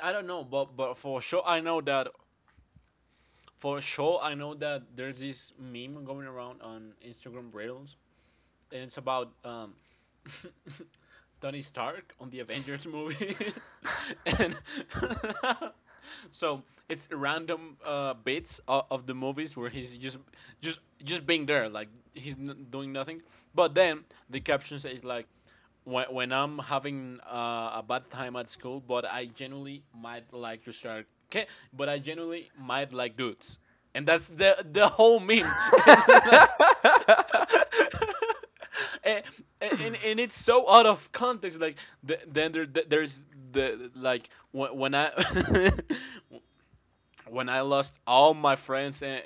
Speaker 2: I don't know, but for sure I know that there's this meme going around on Instagram Reels, and it's about Tony Stark on the Avengers movies, and so it's random bits of the movies where he's just being there, like he's doing nothing. But then the caption says like, when, I'm having a bad time at school, but I genuinely might like to start. Okay, but I genuinely might like dudes, and that's the whole meme. It's like and, and it's so out of context, like there's the, like, when I when I lost all my friends and,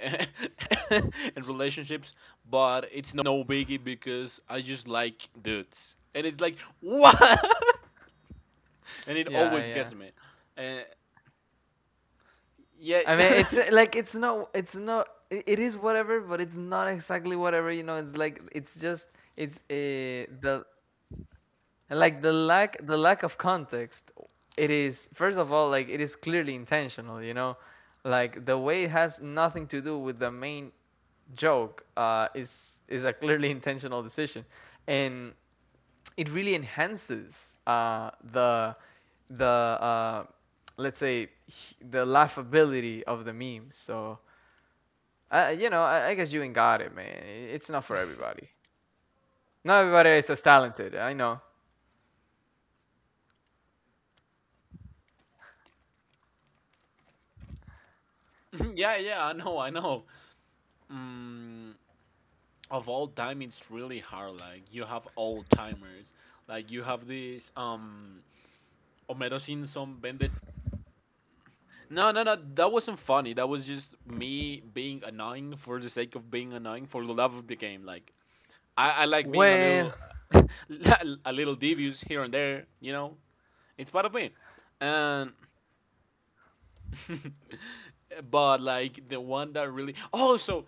Speaker 2: and relationships, but it's no biggie because I just like dudes. And it's like what? And it
Speaker 1: Yeah,
Speaker 2: always
Speaker 1: yeah,
Speaker 2: gets me. And yeah,
Speaker 1: I mean, it's like it's not I- it is whatever, but it's not exactly whatever, you know? It's like, it's just it's the— and like the lack, the lack of context, it is— first of all, like, it is clearly intentional, you know? Like the way it has nothing to do with the main joke is a clearly intentional decision. And it really enhances the let's say the laughability of the meme. So I, you know, I guess you ain't got it, man. It's not for everybody. Not everybody is as talented. I know.
Speaker 2: yeah, yeah, I know, I know. Mm, of all time it's really hard. Like, you have old timers, like you have this Homero Simpson bended. No, no, no, that wasn't funny, that was just me being annoying for the sake of being annoying, for the love of the game. Like, I like being a
Speaker 1: Well,
Speaker 2: little a little devious here and there, you know, it's part of me. And but like the one that really, oh, so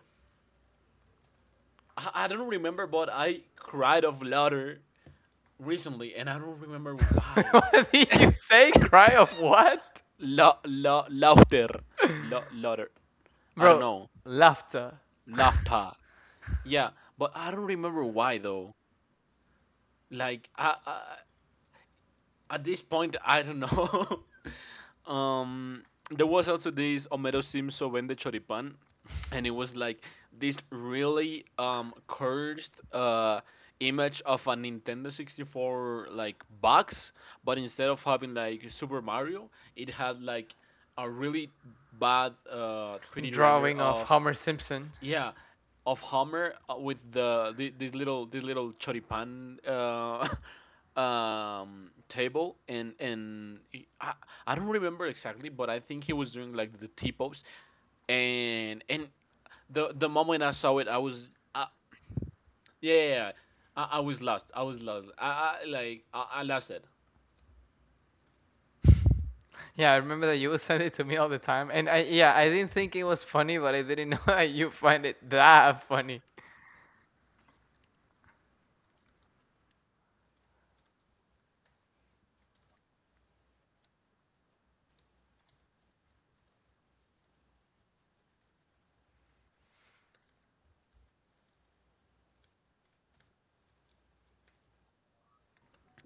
Speaker 2: I don't remember, but I cried of laughter recently and I don't remember why.
Speaker 1: what did you say? Cry of what?
Speaker 2: Laughter. Laughter. I don't
Speaker 1: Bro,
Speaker 2: know.
Speaker 1: laughter.
Speaker 2: Laughter. Yeah, but I don't remember why, though. Like, I, at this point, I don't know. um, there was also this Homero Simpson vende choripan, and it was like this really cursed image of a Nintendo 64 like box, but instead of having like Super Mario, it had like a really bad 3D render
Speaker 1: Drawing of
Speaker 2: of,
Speaker 1: Homer Simpson.
Speaker 2: yeah, of Homer with the this little, this little choripan table, and he, I don't remember exactly, but I think he was doing like the T pose, and the moment I saw it, I was uh, yeah, yeah, yeah. I was lost. I was lost. I like I lost it.
Speaker 1: Yeah, I remember that you would send it to me all the time. And I— yeah, I didn't think it was funny, but I didn't know that you find it that funny.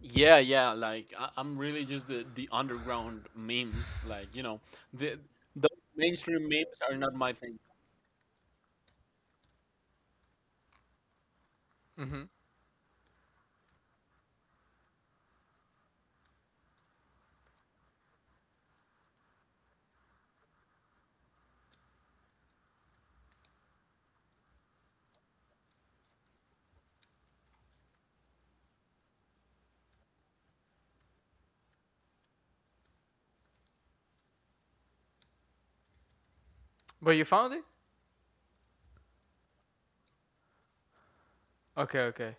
Speaker 2: Yeah, yeah, like I'm really just the underground memes. Like, you know, the the mainstream memes are not my thing.
Speaker 1: hmm But you found it? Okay, okay.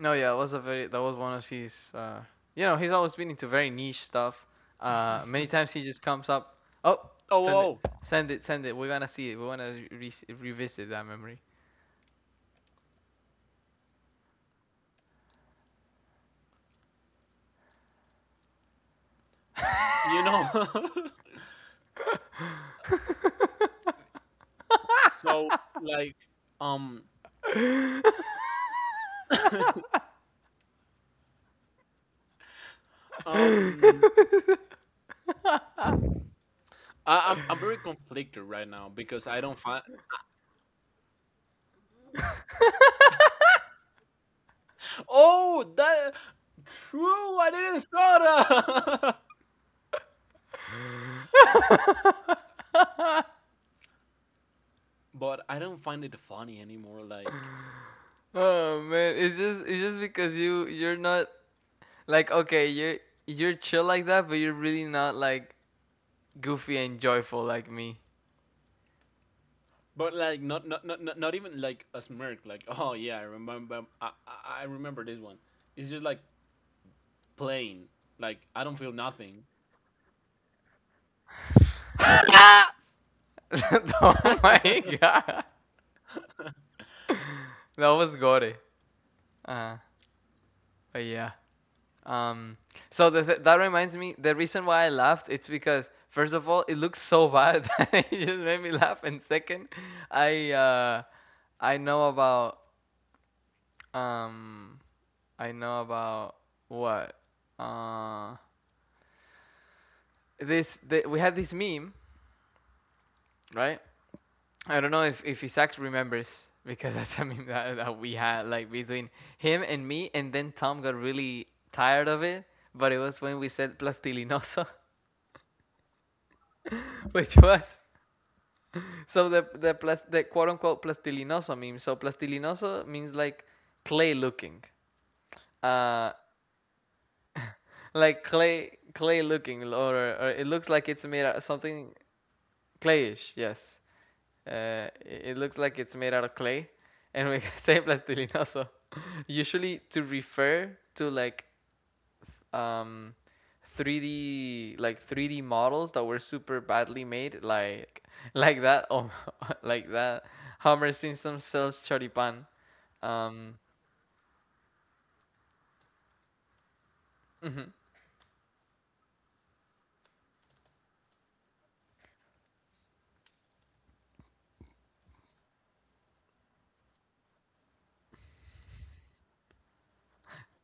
Speaker 1: No, yeah, that was a very— that was one of his you know, he's always been into very niche stuff. Many times he just comes up, "Oh,
Speaker 2: Oh,
Speaker 1: send it.
Speaker 2: oh, oh.
Speaker 1: Send it, send it. We're going to see it. We want to revisit that memory."
Speaker 2: you know so like um um I'm very conflicted right now because I don't find, oh, that true, I didn't saw that. But I don't find it funny anymore. Like,
Speaker 1: Oh man, it's just because you're not like— okay, you're chill like that, but you're really not like goofy and joyful like me.
Speaker 2: but like, not even like a smirk. Like oh yeah, I remember, I remember this one. It's just like plain, like I don't feel nothing.
Speaker 1: Oh my god. That was gore. Uh, but yeah. Um that reminds me— the reason why I laughed, it's because first of all, it looks so bad that it just made me laugh, and second, I uh I know about— um I know about what? Uh we had this meme, right? I don't know if Isaac remembers, because that's a meme that, that we had like between him and me, and then Tom got really tired of it. But it was when we said plastilinoso, which was— so the quote unquote plastilinoso meme. So plastilinoso means like clay looking, uh, like clay looking, or it looks like it's made out of something clayish. Yes. It looks like it's made out of clay, and we say plastilinoso. Usually to refer to like um, 3D— like 3D models that were super badly made, like that— oh, like that Homer Simpson sells choripan. Um, mhm.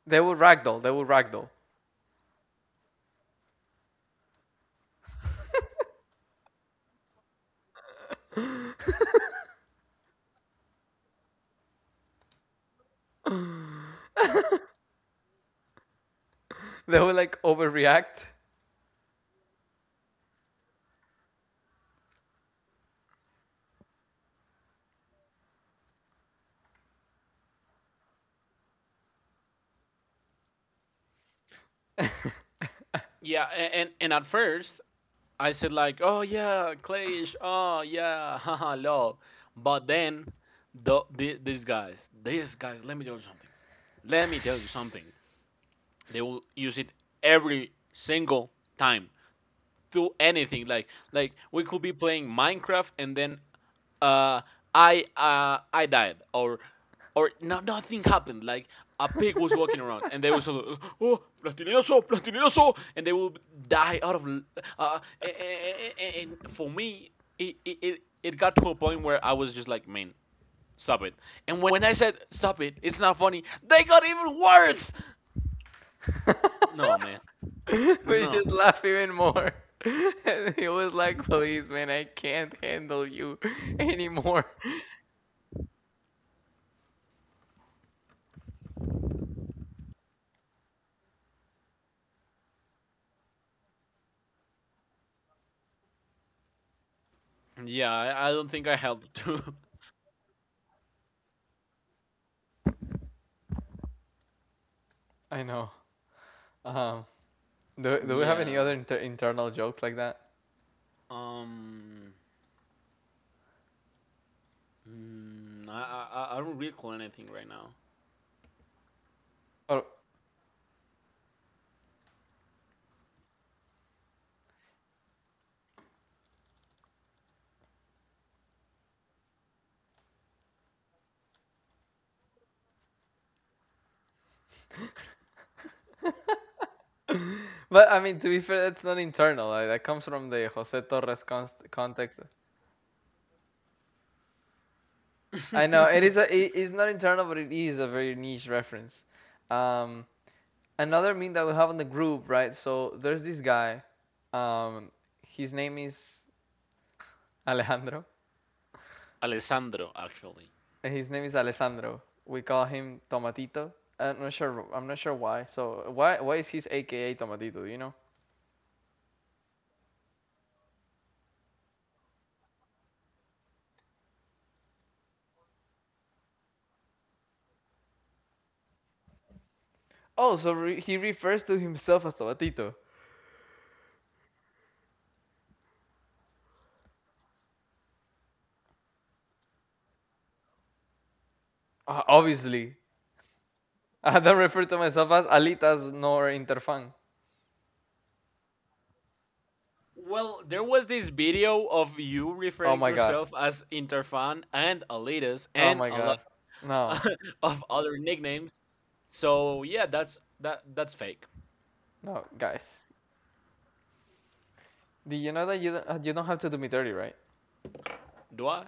Speaker 1: They will ragdoll. They will ragdoll. They will like overreact.
Speaker 2: Yeah, and at first I said like, oh yeah, Clash, oh yeah, haha, lol. But then, these guys, let me tell you something. Let me tell you something. They will use it every single time, do anything. Like we could be playing Minecraft and then uh I died, or no, nothing happened. Like a pig was walking around and they was oh, platinoso, platinoso, and they will die out of uh and, and for me it got to a point where I was just like, man, stop it. And when I said stop it, it's not funny, they got even worse. No, man.
Speaker 1: We
Speaker 2: No,
Speaker 1: just laugh even more. And he was like, "Please, man, I can't handle you anymore."
Speaker 2: yeah, I don't think I helped too.
Speaker 1: I know. Um, do we have any
Speaker 2: Yeah.
Speaker 1: other internal jokes like that?
Speaker 2: Um, I don't recall anything right now.
Speaker 1: Or— but I mean, to be fair, that's not internal. Like, that comes from the Jose Torres const context. I know it is— a it is not internal, but it is a very niche reference. Um, Another meme that we have on the group, right? So there's this guy. Um, his name is Alejandro,
Speaker 2: Alessandro, actually.
Speaker 1: and his name is Alessandro. We call him Tomatito. I'm not sure. I'm not sure why. So why is his AKA Tomatito? Do you know? Oh, so he refers to himself as Tobatito. Obviously. I don't refer to myself as Alitas nor Interfan.
Speaker 2: Well, there was this video of you
Speaker 1: Oh
Speaker 2: referring
Speaker 1: my god.
Speaker 2: yourself as Interfan and Alitas
Speaker 1: Oh
Speaker 2: and
Speaker 1: my
Speaker 2: a lot
Speaker 1: god. No.
Speaker 2: of other nicknames. So yeah, that's that, that's fake.
Speaker 1: No, guys. Do you know that you don't have to do me dirty, right?
Speaker 2: Do I?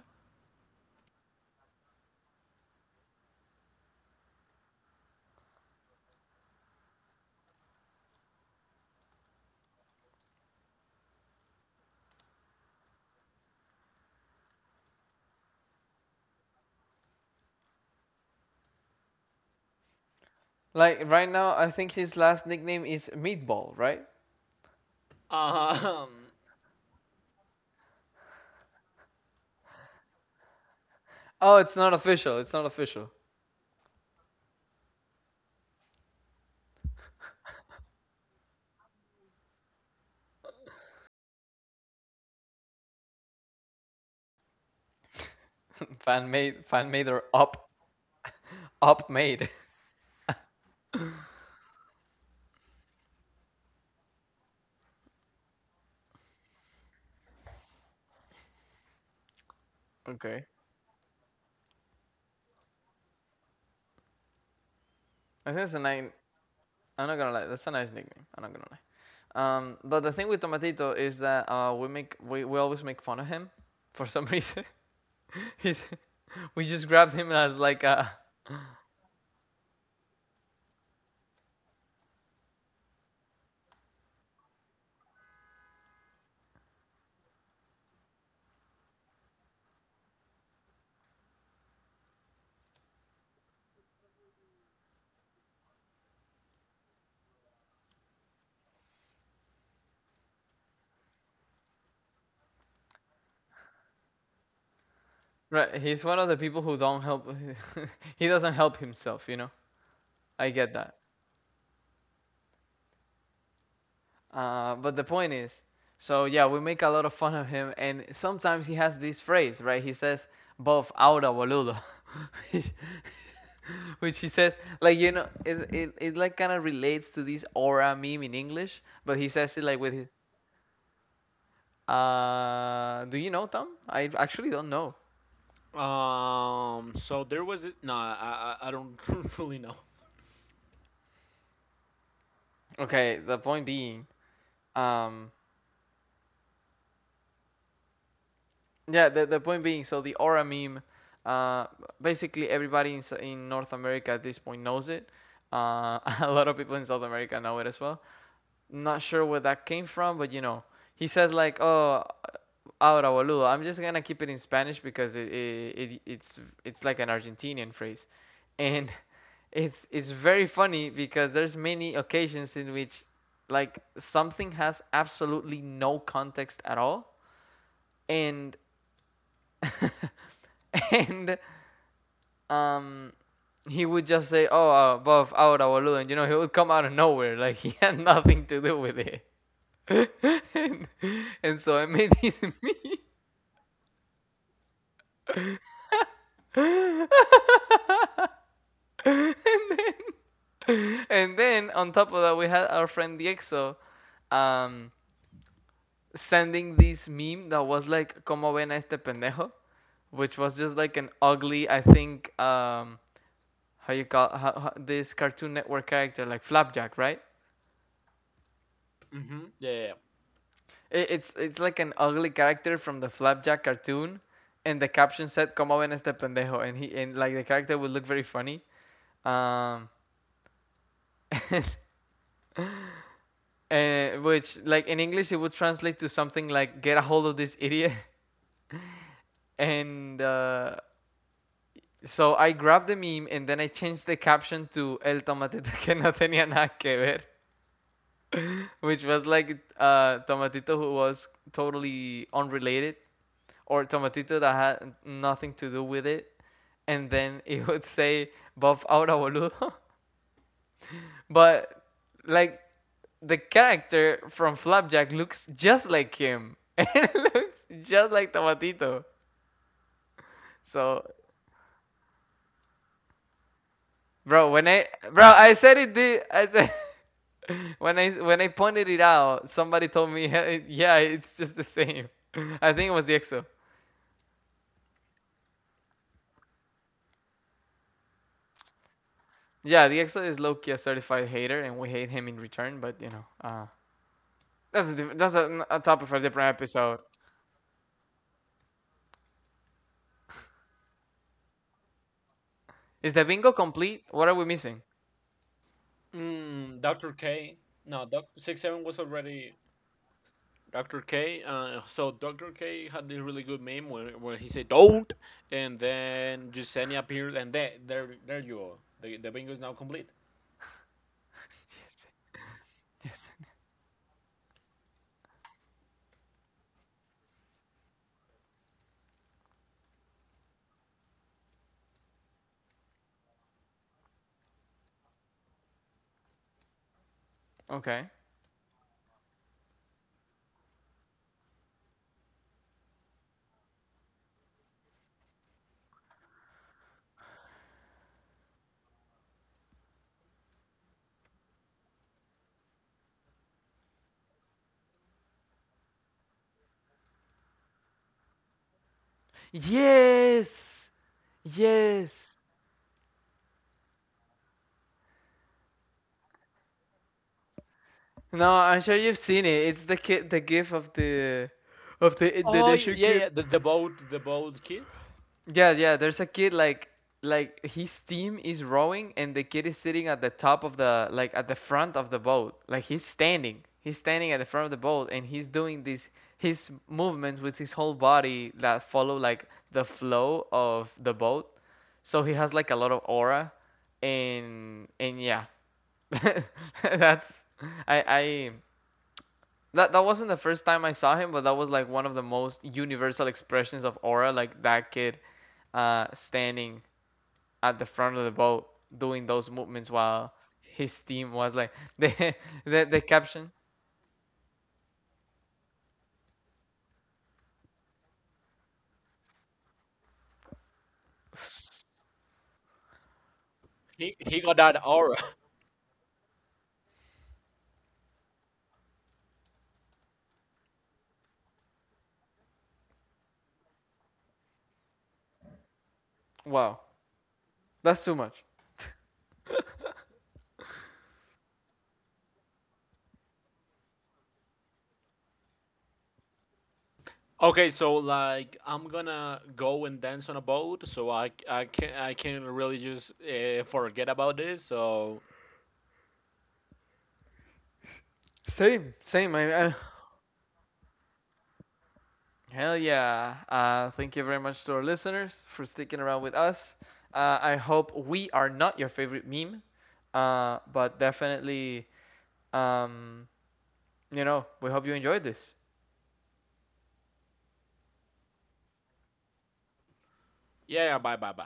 Speaker 1: Like right now, I think his last nickname is Meatball, right?
Speaker 2: Um,
Speaker 1: Oh, it's not official. It's not official. Fan made, fan made, or up, up made. Okay. I think it's a nice— I'm not gonna lie. That's a nice nickname. I'm not gonna lie. But the thing with Tomatito is that we make— we always make fun of him for some reason. He's— we just grabbed him as like a— right. He's one of the people who don't help. He doesn't help himself, you know. I get that. But the point is, so yeah, we make a lot of fun of him, and sometimes he has this phrase, right? He says, "Bof ahora boludo," which he says like— you know, it like kind of relates to this aura meme in English, but he says it like with his— do you know Tom? I actually don't know.
Speaker 2: So there was it. No, I don't really know.
Speaker 1: Okay, the point being, um, yeah, the— the point being, so the aura meme, uh, basically everybody in North America at this point knows it. A lot of people in South America know it as well. Not sure where that came from, but you know, he says like, "Oh, ahora boludo." I'm just gonna keep it in Spanish because it it's like an Argentinian phrase, and it's very funny because there's many occasions in which like something has absolutely no context at all, and and um he would just say, "Oh, above ahora boludo," and you know, he would come out of nowhere like he had nothing to do with it. and, and so I made this meme. And then, and then on top of that, we had our friend Diexo um, sending this meme that was like, Como ven a este pendejo? Which was just like an ugly— I think, how you call— this Cartoon Network character, like Flapjack, right?
Speaker 2: Mm-hmm. Yeah, yeah, yeah.
Speaker 1: It, it's like an ugly character from the Flapjack cartoon. And the caption said, Como ven a este pendejo? And, he, and like the character would look very funny. Um, and which, like in English, it would translate to something like "get a hold of this idiot." And so I grabbed the meme and then I changed the caption to "el tomatito que no tenía nada que ver," which was like— tomatito who was totally unrelated, or tomatito that had nothing to do with it. And then it would say "buff ahora boludo," but like the character from Flapjack looks just like him. It looks just like Tomatito. So, bro, when I— bro, I said it. I said, when I pointed it out, somebody told me, "Hey, yeah, it's just the same." I think it was the EXO. Yeah, the EXO is low key a certified hater, and we hate him in return. But you know, that's a that's a topic for a different episode. Is the bingo complete? What are we missing?
Speaker 2: Mm, Doctor K. No, Doc 67 was already Dr. K. So Dr. K had this really good meme where he said don't, and then Yesenia appeared, and there you go. The bingo is now complete.
Speaker 1: Yes. Okay. Yes. Yes. No, I'm sure you've seen it. It's the kid, the gif of the— of the
Speaker 2: Oh
Speaker 1: Indonesian
Speaker 2: yeah,
Speaker 1: kid.
Speaker 2: yeah. The boat kid.
Speaker 1: Yeah, yeah. There's a kid like— his team is rowing and the kid is sitting at the top of the— like at the front of the boat. Like he's standing. He's standing at the front of the boat and he's doing these— his movements with his whole body that follow like the flow of the boat. So he has like a lot of aura, and yeah. That's— I— that that wasn't the first time I saw him, but that was like one of the most universal expressions of aura, like that kid standing at the front of the boat doing those movements while his team was like— the the caption.
Speaker 2: He got that aura.
Speaker 1: Wow, that's too much.
Speaker 2: Okay, so like I'm gonna go and dance on a boat, so I can really just forget about this. So
Speaker 1: Same, same. I hell yeah. Thank you very much to our listeners for sticking around with us. I hope we are not your favorite meme, but definitely, um, you know, we hope you enjoyed this.
Speaker 2: yeah, bye bye bye.